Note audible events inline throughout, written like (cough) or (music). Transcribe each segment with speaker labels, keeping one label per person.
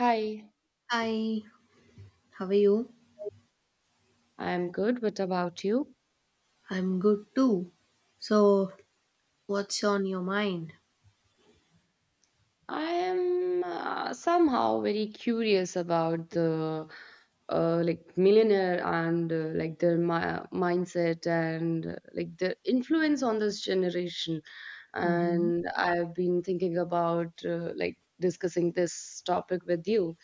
Speaker 1: Hi,
Speaker 2: Hi, how are you?
Speaker 1: I'm good. What about you?
Speaker 2: I'm good too. So, what's on your mind?
Speaker 1: I am somehow very curious about the like millionaire and like their mindset and like their influence on this generation.
Speaker 2: Mm-hmm.
Speaker 1: And I've been thinking about like discussing this topic with you.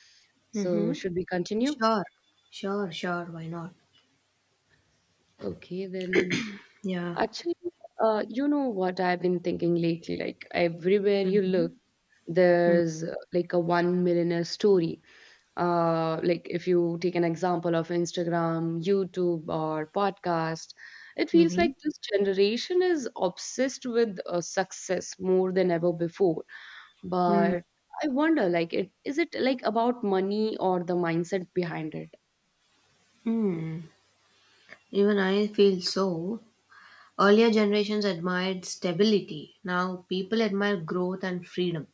Speaker 1: So
Speaker 2: Mm-hmm.
Speaker 1: should we continue?
Speaker 2: Sure, sure, sure. Why not?
Speaker 1: Okay, then
Speaker 2: Yeah.
Speaker 1: actually, you know what I've been thinking lately, like everywhere you look
Speaker 2: Mm-hmm.
Speaker 1: there's like a one millionaire story, like if you take an example of Instagram, YouTube, or podcast, it feels
Speaker 2: Mm-hmm.
Speaker 1: like this generation is obsessed with success more than ever before. But I wonder, like it is it like about money or the mindset behind it?
Speaker 2: Mm-hmm. Even I feel so. Earlier generations admired stability. Now people admire growth and freedom.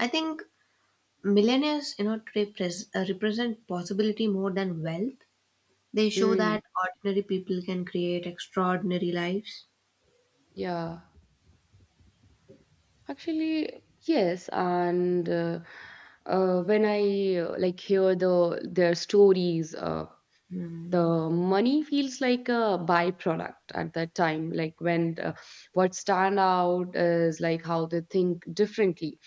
Speaker 2: I think millennials, represent possibility more than wealth. They show
Speaker 1: Mm,
Speaker 2: that ordinary people can create extraordinary lives.
Speaker 1: yeah, actually, yes, and when I like hear their stories,
Speaker 2: Mm,
Speaker 1: the money feels like a byproduct at that time, like when what stand out is like how they think differently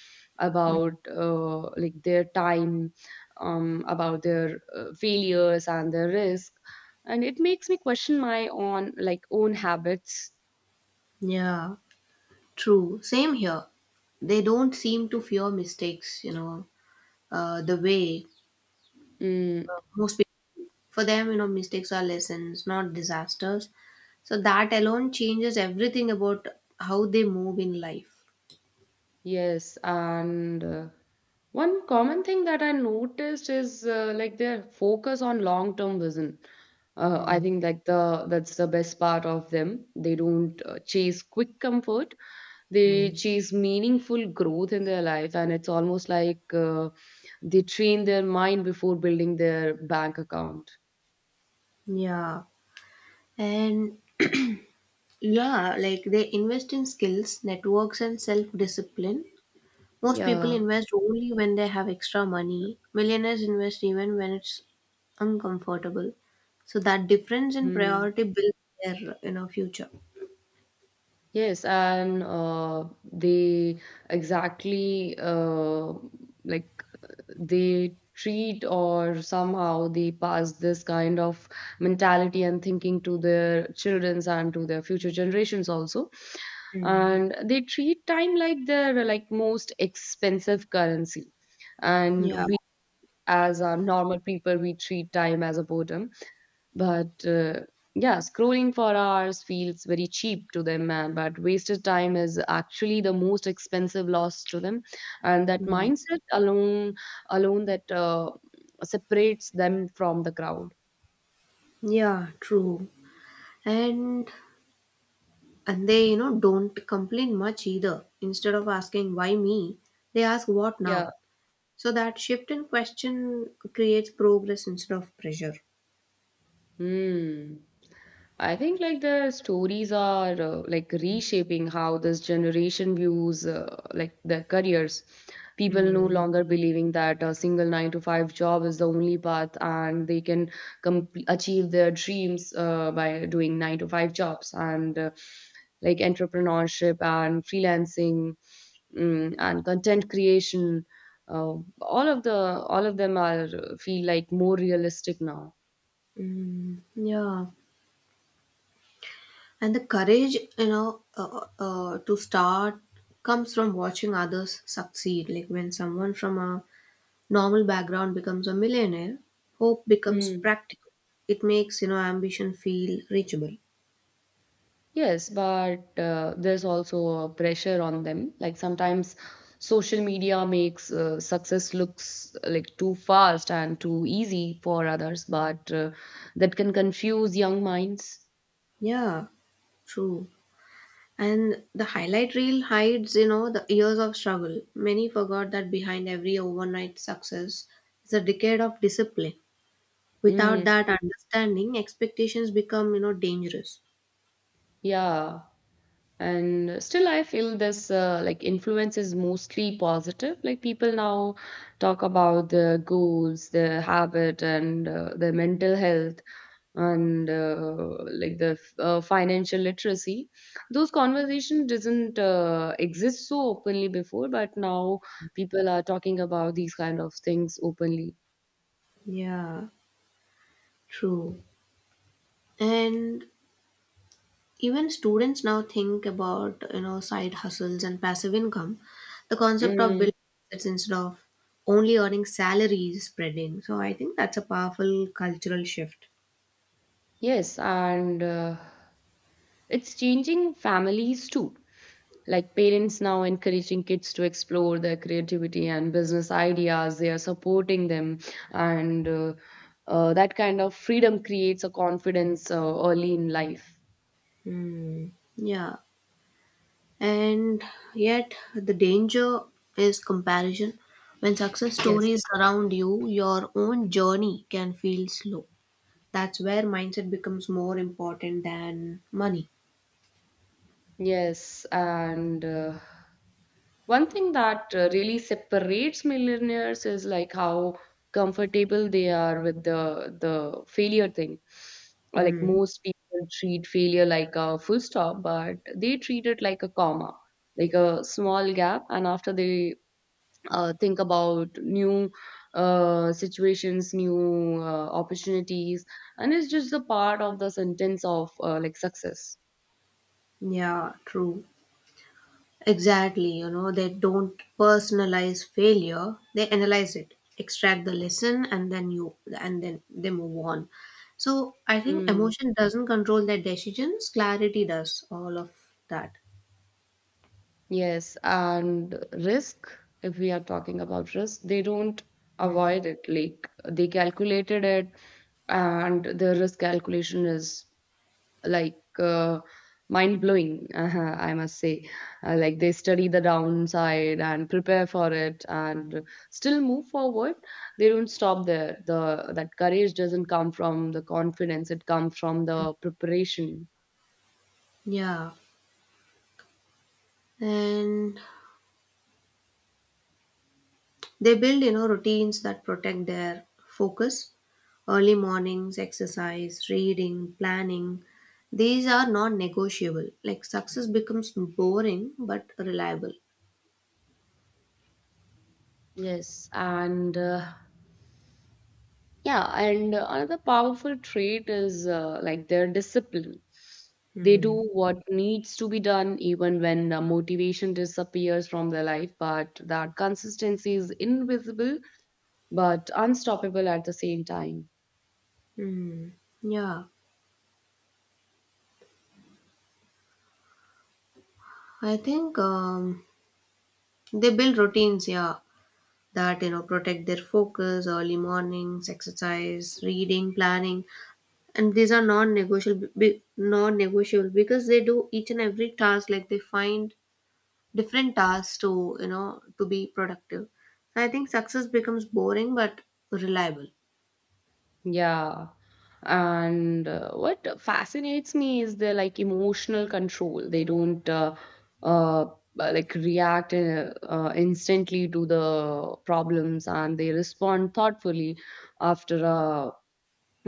Speaker 2: mm.
Speaker 1: about like their time, about their failures and their risk, and it makes me question my own like own habits.
Speaker 2: Yeah, true. Same here. They don't seem to fear mistakes, the way
Speaker 1: Mm.
Speaker 2: most people, for them, mistakes are lessons, not disasters. So that alone changes everything about how they move in life.
Speaker 1: Yes, and one common thing that I noticed is like their focus on long-term vision. I
Speaker 2: Mm,
Speaker 1: think like the that's the best part of them. They don't chase quick comfort. They
Speaker 2: mm.
Speaker 1: chase meaningful growth in their life, and it's almost like they train their mind before building their bank account.
Speaker 2: Yeah. And yeah, like they invest in skills, networks, and self discipline. Most people
Speaker 1: Yeah.
Speaker 2: invest only when they have extra money. Millionaires invest even when it's uncomfortable. So that difference in
Speaker 1: Hmm.
Speaker 2: priority builds their future.
Speaker 1: Yes, and they exactly, like they treat or somehow they pass this kind of mentality and thinking to their childrens and to their future generations also.
Speaker 2: Mm.
Speaker 1: And they treat time like their like most expensive currency. And
Speaker 2: Yeah.
Speaker 1: we as our normal people, we treat time as a boredom. But yeah, scrolling for hours feels very cheap to them, but wasted time is actually the most expensive loss to them, and that
Speaker 2: Mm.
Speaker 1: mindset alone that separates them from the crowd.
Speaker 2: Yeah, true. And and they, don't complain much either. Instead of asking why me, they ask what
Speaker 1: Yeah.
Speaker 2: now. So that shift in question creates progress instead of pressure.
Speaker 1: Hmm. I think like the stories are like reshaping how this generation views like their careers. People no
Speaker 2: Hmm.
Speaker 1: longer believing that a single nine to five job is the only path and they can achieve their dreams by doing nine to five jobs and like entrepreneurship and freelancing, and content creation. Uh, all of them are feel like more realistic now.
Speaker 2: Mm, yeah, and the courage to start comes from watching others succeed, like when someone from a normal background becomes a millionaire, hope becomes
Speaker 1: Mm.
Speaker 2: practical. It makes ambition feel reachable.
Speaker 1: Yes, but there's also a pressure on them. Like sometimes social media makes success looks like too fast and too easy for others, but that can confuse young minds.
Speaker 2: Yeah, true. And the highlight reel hides, the years of struggle. Many forgot that behind every overnight success is a decade of discipline. Without
Speaker 1: Mm.
Speaker 2: that understanding, expectations become, dangerous.
Speaker 1: Yeah. And still I feel this like influence is mostly positive. Like people now talk about their goals, their habit, and their mental health, and like the financial literacy. Those conversations didn't exist so openly before, but now people are talking about these kind of things openly.
Speaker 2: Yeah, true. And even students now think about side hustles and passive income. The concept of
Speaker 1: Mm.
Speaker 2: building assets instead of only earning salaries is spreading, so I think that's a powerful cultural shift.
Speaker 1: Yes, and it's changing families too. Like parents now encouraging kids to explore their creativity and business ideas, they are supporting them, and that kind of freedom creates a confidence early in life.
Speaker 2: Hmm. Yeah, and yet the danger is comparison. When success
Speaker 1: Yes.
Speaker 2: stories surround you, your own journey can feel slow. That's where mindset becomes more important than money.
Speaker 1: Yes, and one thing that really separates millionaires is like how comfortable they are with the failure thing. Or, like
Speaker 2: Hmm.
Speaker 1: most people treat failure like a full stop, but they treat it like a comma, like a small gap, and after they think about new situations, new opportunities, and it's just a part of the sentence of like success.
Speaker 2: Yeah, true. Exactly, they don't personalize failure. They analyze it, extract the lesson, and then you and then they move on. So, I think
Speaker 1: Hmm.
Speaker 2: emotion doesn't control their decisions, clarity does all of that.
Speaker 1: Yes, and risk, if we are talking about risk, they don't
Speaker 2: Hmm.
Speaker 1: avoid it. Like they calculated it, and the risk calculation is like mind blowing, (laughs) I must say. Like they study the downside and prepare for it and still move forward. They don't stop there. The That courage doesn't come from the confidence, it comes from the preparation.
Speaker 2: Yeah. And they build, routines that protect their focus. Early mornings, exercise, reading, planning. These are non negotiable. Like success becomes boring but reliable.
Speaker 1: Yes, and Yeah, and Another powerful trait is like their discipline. They do
Speaker 2: Hmm.
Speaker 1: what needs to be done even when motivation disappears from their life, but that consistency is invisible but unstoppable at the same time.
Speaker 2: Hmm. Yeah, I think they build routines, yeah, that protect their focus, early mornings, exercise, reading, planning, and these are non-negotiable, non-negotiable, because they do each and every task. Like they find different tasks to to be productive. I think success becomes boring but reliable.
Speaker 1: Yeah. And what fascinates me is their like emotional control. They don't uh, like react instantly to the problems, and they respond thoughtfully after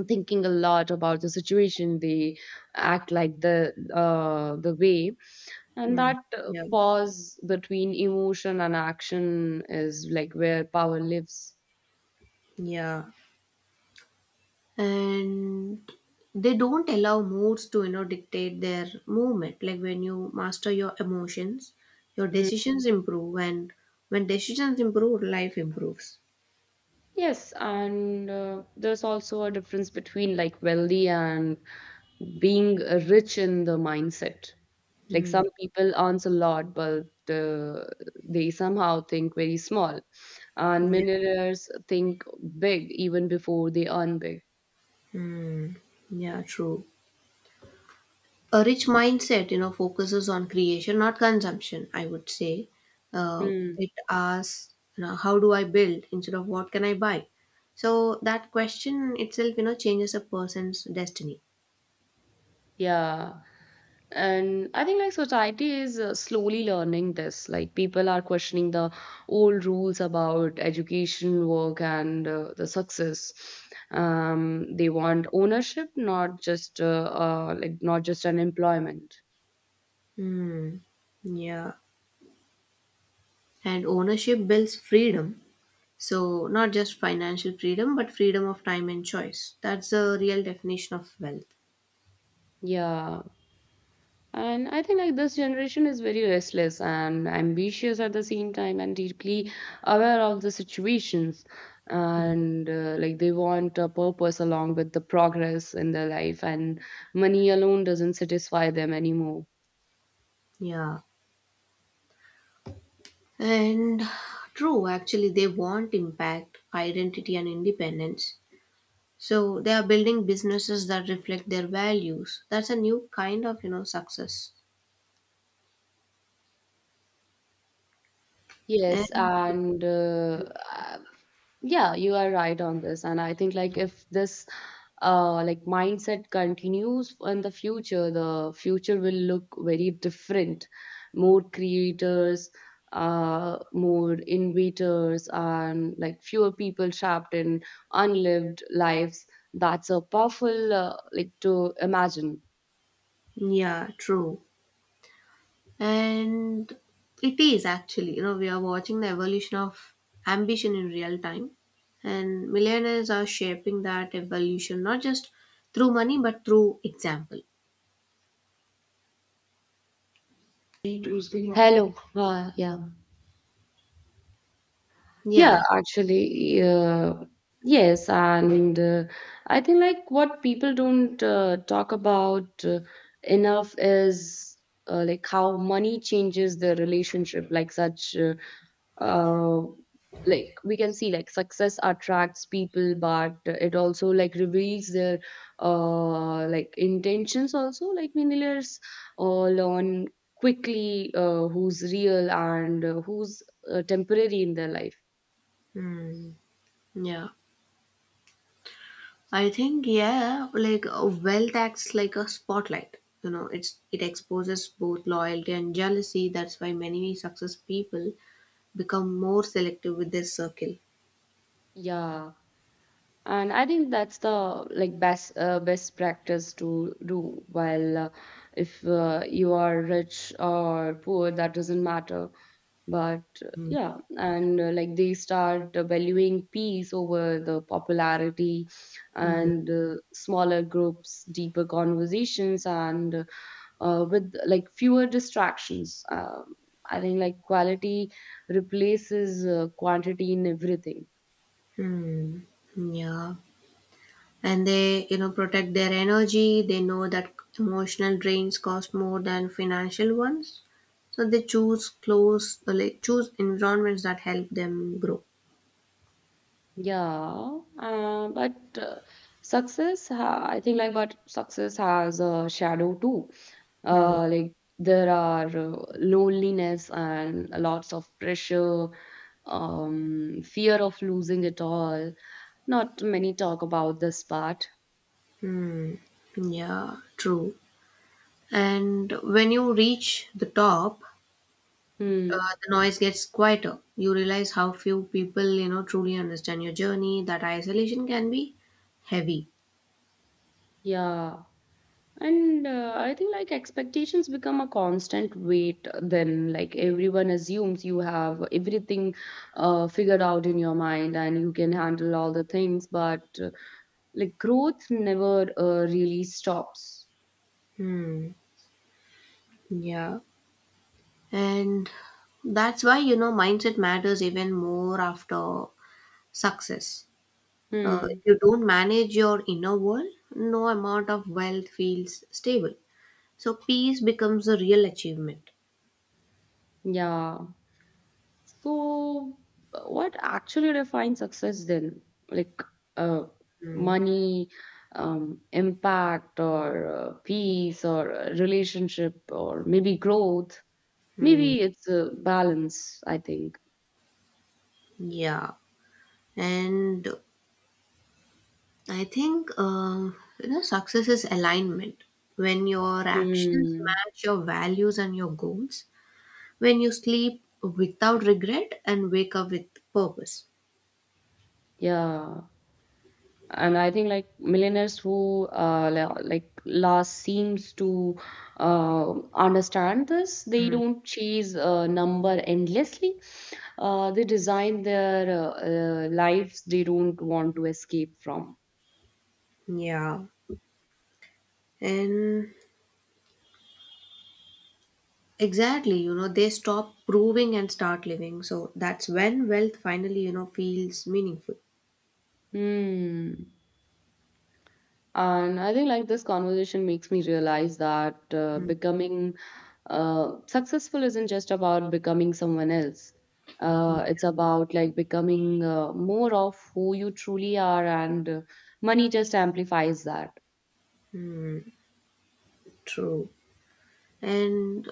Speaker 1: thinking a lot about the situation. They act like the way, and
Speaker 2: Hmm.
Speaker 1: that
Speaker 2: Yeah,
Speaker 1: pause between emotion and action is like where power lives.
Speaker 2: yeah, and they don't allow moods to dictate their movement. Like when you master your emotions, your
Speaker 1: Hmm.
Speaker 2: decisions improve, and when decisions improve, life improves.
Speaker 1: Yes, and there's also a difference between like wealthy and being rich in the mindset. Like some people earns a lot, but uh, they somehow think very small, and
Speaker 2: Yeah.
Speaker 1: millionaires think big even before they earn big.
Speaker 2: Hmm. Yeah, true. A rich mindset focuses on creation, not consumption, I would say. uh,
Speaker 1: Hmm.
Speaker 2: it asks how do I build instead of what can I buy. So that question itself, changes a person's destiny.
Speaker 1: Yeah. And I think like society is slowly learning this. Like people are questioning the old rules about education, work, and the success. They want ownership, not just like not just an employment.
Speaker 2: Hmm. Yeah. And ownership builds freedom. So, not just financial freedom, but freedom of time and choice. That's the real definition of wealth.
Speaker 1: Yeah. And I think like this generation is very restless and ambitious at the same time and deeply aware of the situations,
Speaker 2: Mm.
Speaker 1: and like they want a purpose along with the progress in their life, and money alone doesn't satisfy them anymore.
Speaker 2: Yeah. And true, actually, they want impact, identity, and independence. So, they are building businesses that reflect their values. That's a new kind of, success.
Speaker 1: Yes,
Speaker 2: And
Speaker 1: and yeah, you are right on this. And I think like if this like mindset continues in the future, the future will look very different. More creators, more innovators, and like fewer people trapped in unlived lives. That's a powerful like to imagine.
Speaker 2: yeah, true. And it is actually, we are watching the evolution of ambition in real time. And millionaires are shaping that evolution, not just through money, but through example.
Speaker 1: Hello, yeah. Yeah,
Speaker 2: Yeah.
Speaker 1: actually, yes, and I think like what people don't talk about enough is like how money changes the relationship. Uh, like we can see like success attracts people, but it also like reveals their like intentions. Also, like millionaires all learn quickly who's real and who's temporary in their life.
Speaker 2: Hmm. Yeah. I think, yeah, like wealth acts like a spotlight. You know, it exposes both loyalty and jealousy. That's why many success people become more selective with their circle.
Speaker 1: Yeah, and I think that's the like best practice to do. While if you are rich or poor, that doesn't matter. But
Speaker 2: Hmm.
Speaker 1: yeah, and like they start valuing peace over the popularity, and smaller groups, deeper conversations, and with like fewer distractions. I think like quality replaces quantity in everything.
Speaker 2: Hmm. Yeah, and they, protect their energy. They know that emotional drains cost more than financial ones, so they choose choose environments that help them grow.
Speaker 1: Yeah, but success, ha I think, like, but success has a shadow too.
Speaker 2: Hmm.
Speaker 1: Like, there are loneliness and lots of pressure, fear of losing it all. Not many talk about this part.
Speaker 2: Yeah, true. And when you reach the top,
Speaker 1: Hmm.
Speaker 2: the noise gets quieter. You realize how few people, truly understand your journey. That isolation can be heavy.
Speaker 1: Yeah. And I think like expectations become a constant weight, then like everyone assumes you have everything figured out in your mind and you can handle all the things, but like growth never really stops.
Speaker 2: Hmm. Yeah, and that's why, mindset matters even more after success. If
Speaker 1: Hmm.
Speaker 2: you don't manage your inner world, no amount of wealth feels stable. So peace becomes a real achievement.
Speaker 1: Yeah. So, what actually defines success then? Like uh,
Speaker 2: Mm-hmm.
Speaker 1: money, impact, or peace, or relationship, or maybe growth. Maybe it's a balance, I think.
Speaker 2: Yeah, and I think success is alignment. When your actions
Speaker 1: Mm,
Speaker 2: match your values and your goals, when you sleep without regret and wake up with purpose.
Speaker 1: yeah. And I think like millionaires who like last seems to understand this. They don't chase a number endlessly. They design their lives they don't want to escape from.
Speaker 2: Yeah, and exactly, they stop proving and start living. So that's when wealth finally, feels meaningful.
Speaker 1: Hmm. And I think like this conversation makes me realize that
Speaker 2: Mm,
Speaker 1: becoming successful isn't just about becoming someone else. It's about like becoming more of who you truly are, and money just amplifies that.
Speaker 2: mm, true. And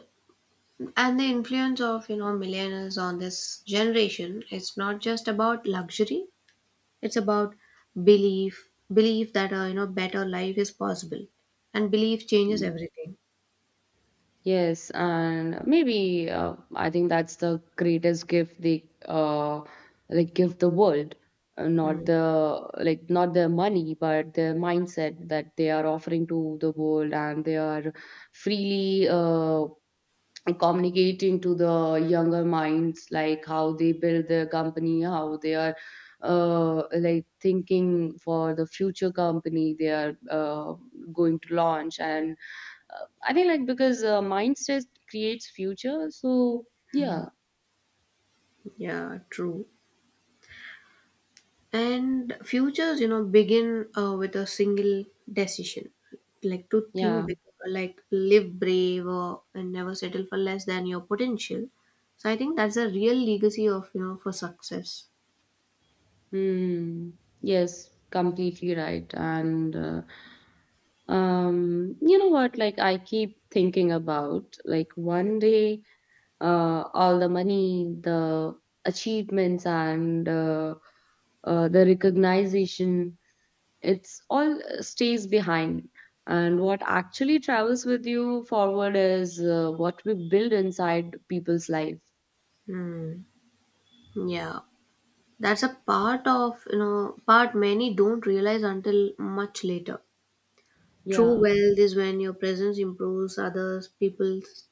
Speaker 2: and the influence of, millennials on this generation, it's not just about luxury, it's about belief, belief that a, better life is possible. And belief changes
Speaker 1: Mm.
Speaker 2: everything.
Speaker 1: Yes, and maybe I think that's the greatest gift they like give the world. Not
Speaker 2: Hmm.
Speaker 1: the like not their money but their mindset that they are offering to the world, and they are freely communicating to the younger minds, like how they build their company, how they are like thinking for the future company they are going to launch. And I think like because mindset creates future, so yeah.
Speaker 2: Yeah, true. And futures begin with a single decision, like to think
Speaker 1: Yeah.
Speaker 2: big, like live brave, or and never settle for less than your potential. So I think that's a real legacy of for success.
Speaker 1: Hmm. Yes, completely right, and you know what, like I keep thinking about, like, one day all the money, the achievements, and the recognition. It's all stays behind. And what actually travels with you forward is what we build inside people's life.
Speaker 2: Hmm. Yeah, that's a part of, part many don't realize until much later. True
Speaker 1: Yeah.
Speaker 2: wealth is when your presence improves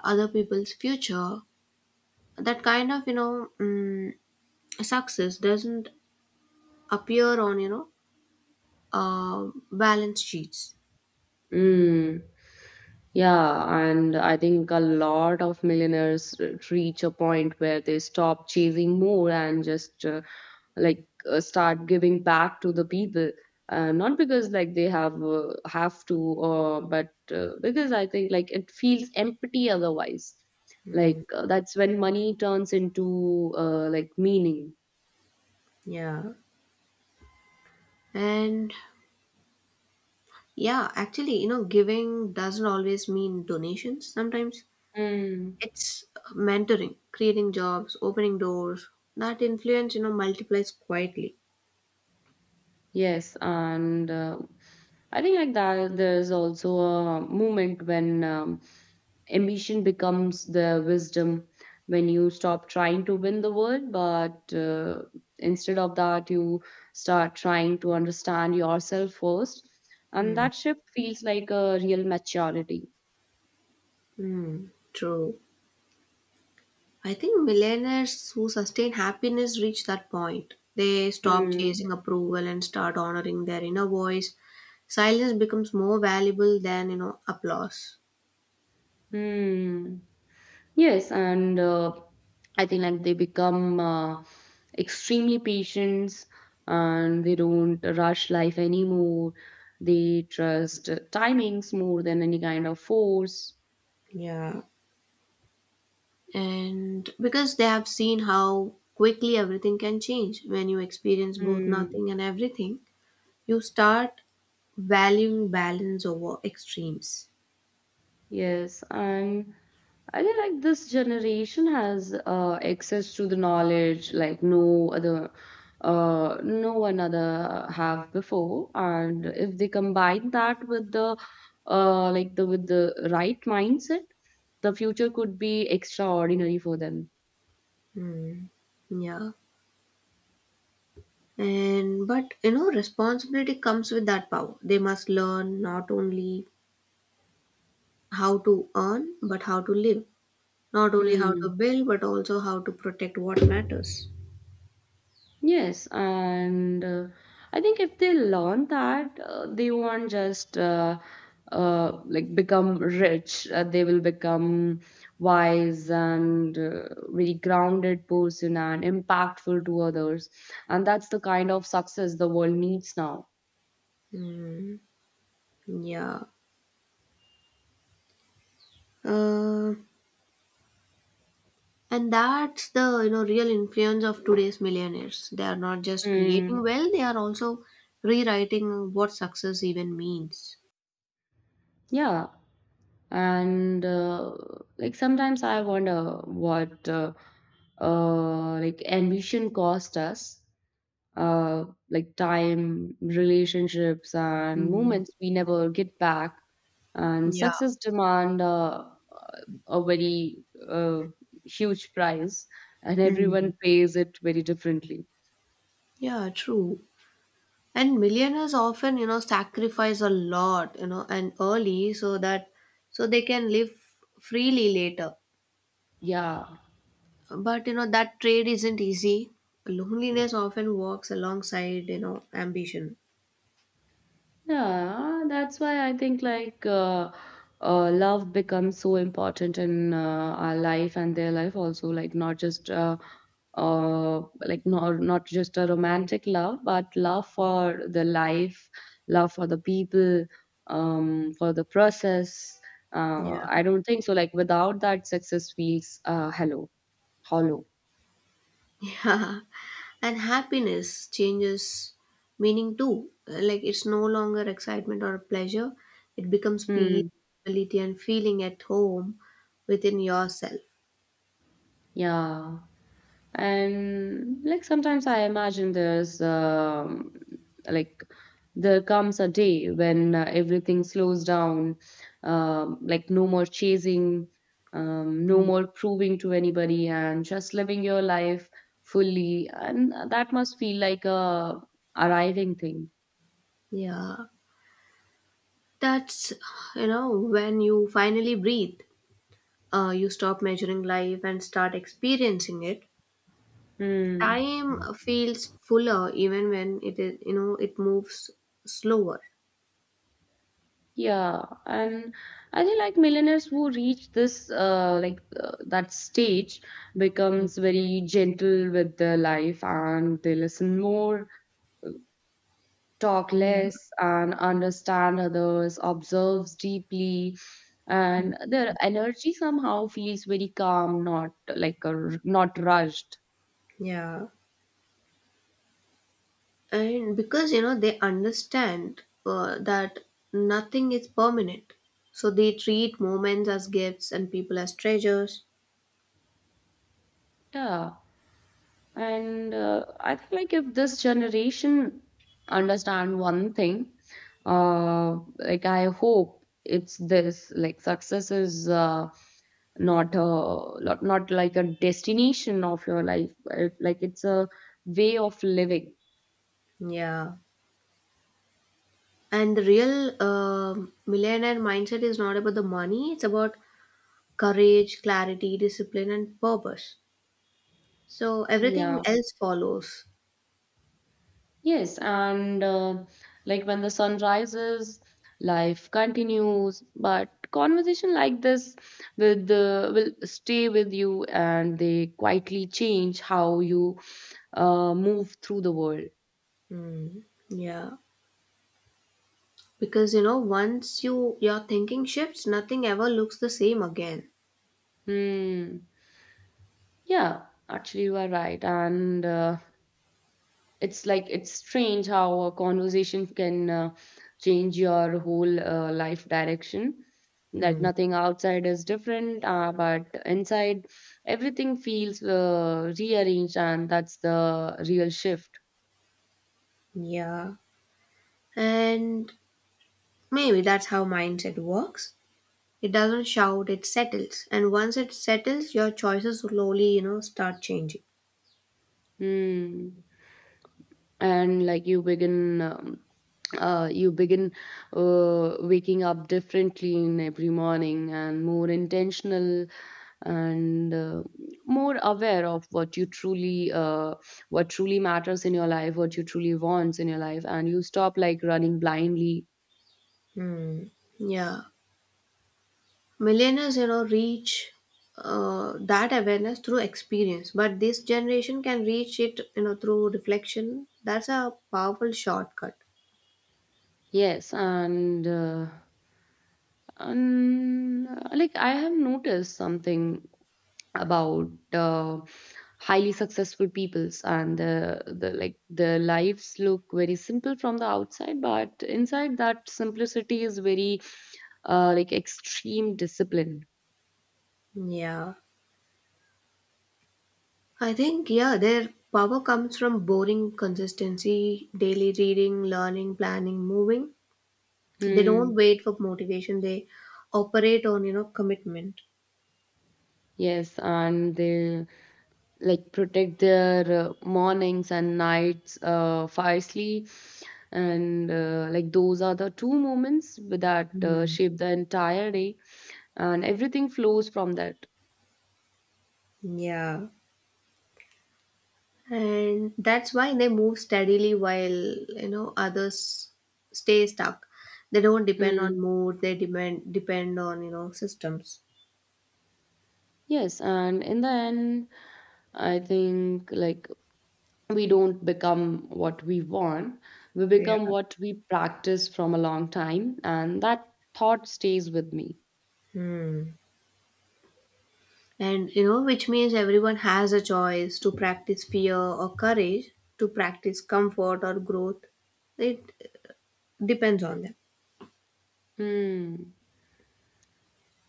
Speaker 2: other people's future. That kind of, success doesn't appear on, balance sheets.
Speaker 1: Mm, yeah, and I think a lot of millionaires reach a point where they stop chasing more and just like start giving back to the people, not because like they have to, or but because I think like it feels empty otherwise. Like
Speaker 2: Mm,
Speaker 1: that's when money turns into like meaning.
Speaker 2: yeah. And yeah, actually, giving doesn't always mean donations. Sometimes it's mentoring, creating jobs, opening doors. That influence, multiplies quietly.
Speaker 1: Yes, and I think like that there's also a moment when ambition becomes the wisdom, when you stop trying to win the world, but instead of that, you start trying to understand yourself first, and
Speaker 2: Hmm.
Speaker 1: that shift feels like a real maturity.
Speaker 2: Mm, true. I think millionaires who sustain happiness reach that point. They stop
Speaker 1: Hmm.
Speaker 2: chasing approval and start honoring their inner voice. Silence becomes more valuable than, applause.
Speaker 1: Hmm. Yes, and I think like they become extremely patient, and they don't rush life anymore. They trust timings more than any kind of force.
Speaker 2: Yeah. And because they have seen how quickly everything can change, when you experience both
Speaker 1: Hmm.
Speaker 2: nothing and everything, you start valuing balance over extremes.
Speaker 1: Yes, and I feel like this generation has access to the knowledge like no other, no one other have before, and if they combine that with the right mindset, the future could be extraordinary for them.
Speaker 2: Hmm. Yeah. And but responsibility comes with that power. They must learn not only how to earn, but how to live, not only how to
Speaker 1: Hmm.
Speaker 2: build, but also how to protect what matters.
Speaker 1: Yes, and I think if they learn that, they won't just become rich. They will become wise and very grounded person and impactful to others. And that's the kind of success the world needs now.
Speaker 2: Hmm. Yeah. Uh, And that's the, real influence of today's millionaires. They are not just creating
Speaker 1: Mm,
Speaker 2: wealth; they are also rewriting what success even means.
Speaker 1: yeah, and like sometimes I wonder what ambition cost us. Time, relationships, and
Speaker 2: Mm.
Speaker 1: moments we never get back. And
Speaker 2: Yeah.
Speaker 1: success demand a very huge price, and
Speaker 2: Mm.
Speaker 1: everyone pays it very differently.
Speaker 2: Yeah, true. And millionaires often, sacrifice a lot, and early so that so they can live freely later.
Speaker 1: Yeah.
Speaker 2: But that trade isn't easy. Loneliness often walks alongside, ambition.
Speaker 1: Yeah, that's why I think love becomes so important in our life and their life also. Like not just not just a romantic love, but love for the life, love for the people, for the process. I
Speaker 2: Yeah.
Speaker 1: don't think so. Like without that, success feels hollow.
Speaker 2: Yeah, and happiness changes meaning too. Like it's no longer excitement or pleasure, it becomes peace,
Speaker 1: Hmm.
Speaker 2: stability, and feeling at home within yourself.
Speaker 1: Yeah. And like sometimes I imagine like there comes a day when everything slows down, no more chasing, no
Speaker 2: Mm.
Speaker 1: more proving to anybody, and just living your life fully. And that must feel like a arriving thing.
Speaker 2: Yeah, that's you know when you finally breathe, you stop measuring life and start experiencing it.
Speaker 1: Hmm.
Speaker 2: Time feels fuller even when it is you know it moves slower.
Speaker 1: Yeah, and I think like millionaires who reach this like that stage
Speaker 2: Mm.
Speaker 1: becomes very gentle with their life and they listen more, talk
Speaker 2: Yeah.
Speaker 1: less, and understand others, observes deeply, and their energy somehow feels very calm, not like not rushed.
Speaker 2: Yeah. And because they understand that nothing is permanent, so they treat moments as gifts and people as treasures.
Speaker 1: Yeah. And I think like if this generation understand one thing, I hope it's this: like success is not a not like a destination of your life, it, like it's a way of living.
Speaker 2: Yeah. And the real millionaire mindset is not about the money, it's about courage, clarity, discipline, and purpose. So everything
Speaker 1: Yeah.
Speaker 2: else follows.
Speaker 1: Yes, and like when the sun rises, life continues. But conversation like this with the will stay with you, and they quietly change how you move through the world.
Speaker 2: Mm. Yeah, because once you your thinking shifts, nothing ever looks the same again.
Speaker 1: Hmm. Yeah, actually, you are right, and it's like it's strange how a conversation can change your whole life direction, that
Speaker 2: Mm.
Speaker 1: nothing outside is different, but inside everything feels rearranged, and that's the real shift.
Speaker 2: Yeah. And maybe that's how mindset works. It doesn't shout, it settles. And once it settles, your choices slowly, start changing.
Speaker 1: Hmm. And like you begin uh, you begin waking up differently in every morning and more intentional, and more aware of what you truly what truly matters in your life, what you truly wants in your life, and you stop like running blindly.
Speaker 2: Hmm. Yeah. Millennials, reach that awareness through experience, but this generation can reach it, through reflection. That's a powerful shortcut.
Speaker 1: Yes, and I have noticed something about highly successful peoples and their lives look very simple from the outside, but inside that simplicity is very extreme discipline.
Speaker 2: Yeah. I think, yeah, their power comes from boring consistency, daily reading, learning, planning, moving. They don't
Speaker 1: Hmm.
Speaker 2: wait for motivation. They operate on commitment.
Speaker 1: Yes, and they like protect their mornings and nights fiercely, and those are the two moments that
Speaker 2: Hmm.
Speaker 1: shape the entire day, and everything flows from that.
Speaker 2: Yeah, and that's why they move steadily while, others stay stuck. They don't depend
Speaker 1: Hmm.
Speaker 2: on mood, they depend on, systems.
Speaker 1: Yes, and in the end, I think like we don't become what we want, we
Speaker 2: Yeah.
Speaker 1: become what we practice from a long time, and that thought stays with me.
Speaker 2: Hmm. And which means everyone has a choice to practice fear or courage, to practice comfort or growth. It depends on them.
Speaker 1: Hmm.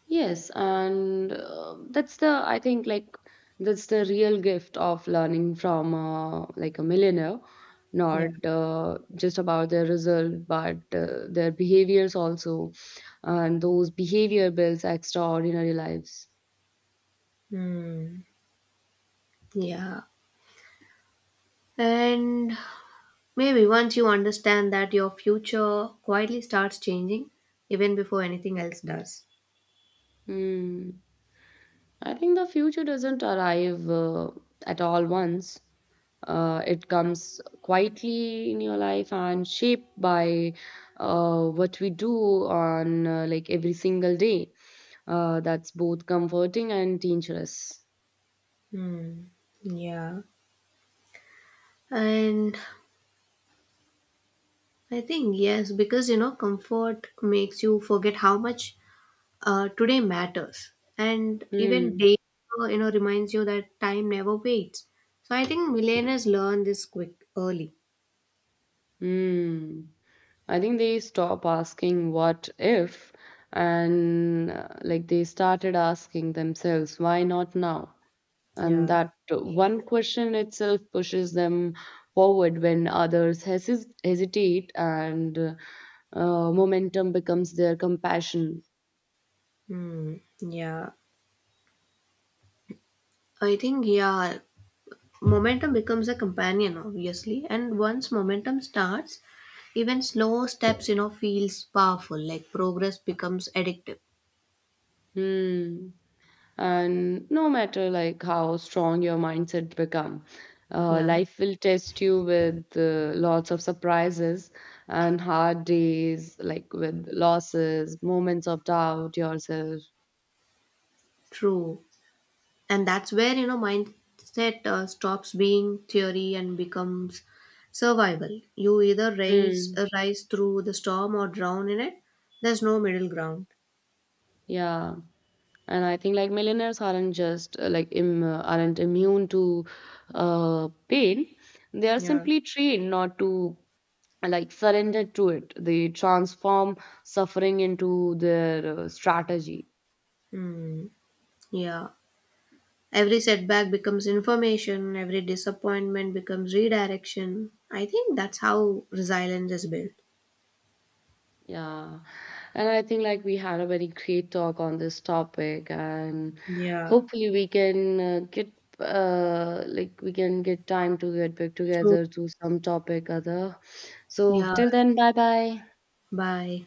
Speaker 1: Yes, and that's the I think like that's the real gift of learning from a millionaire,
Speaker 2: Yeah.
Speaker 1: not just about their result, but their behaviors also, and those behavior builds extraordinary lives.
Speaker 2: Hmm. Yeah, and maybe once you understand that, your future quietly starts changing even before anything else does.
Speaker 1: Hmm. I think the future doesn't arrive at all once. It comes quietly in your life and shaped by what we do on every single day. That's both comforting and dangerous.
Speaker 2: Hmm. Yeah. And I think, yes, because comfort makes you forget how much today matters. And even
Speaker 1: Hmm.
Speaker 2: day, reminds you that time never waits. So I think millennials learn this quick, early.
Speaker 1: Hmm. I think they stop asking what if, and they started asking themselves, why not now? And
Speaker 2: Yeah.
Speaker 1: that one question itself pushes them forward when others hesis hesitate, and momentum becomes their compassion.
Speaker 2: Hmm. Yeah. I think, yeah, momentum becomes a companion, obviously, and once momentum starts, even slow steps, feels powerful. Like progress becomes addictive.
Speaker 1: Hmm. And no matter like how strong your mindset become,
Speaker 2: Yeah,
Speaker 1: life will test you with lots of surprises and hard days, like with losses, moments of doubt yourself.
Speaker 2: true. And that's where mindset stops being theory and becomes survival. You either rise,
Speaker 1: Hmm.
Speaker 2: uh, rise through the storm or drown in it. There's no middle ground.
Speaker 1: Yeah, and I think like millionaires aren't just aren't immune to pain, they are
Speaker 2: Yeah.
Speaker 1: simply trained not to surrender to it, they transform suffering into their strategy.
Speaker 2: Hmm. Yeah. Every setback becomes information, every disappointment becomes redirection. I think that's how resilience is built.
Speaker 1: Yeah, and I think like we had a very great talk on this topic, and
Speaker 2: Yeah,
Speaker 1: hopefully we can get time to get back
Speaker 2: true.
Speaker 1: together to some topic other. So
Speaker 2: Yeah,
Speaker 1: till then, bye bye.
Speaker 2: bye.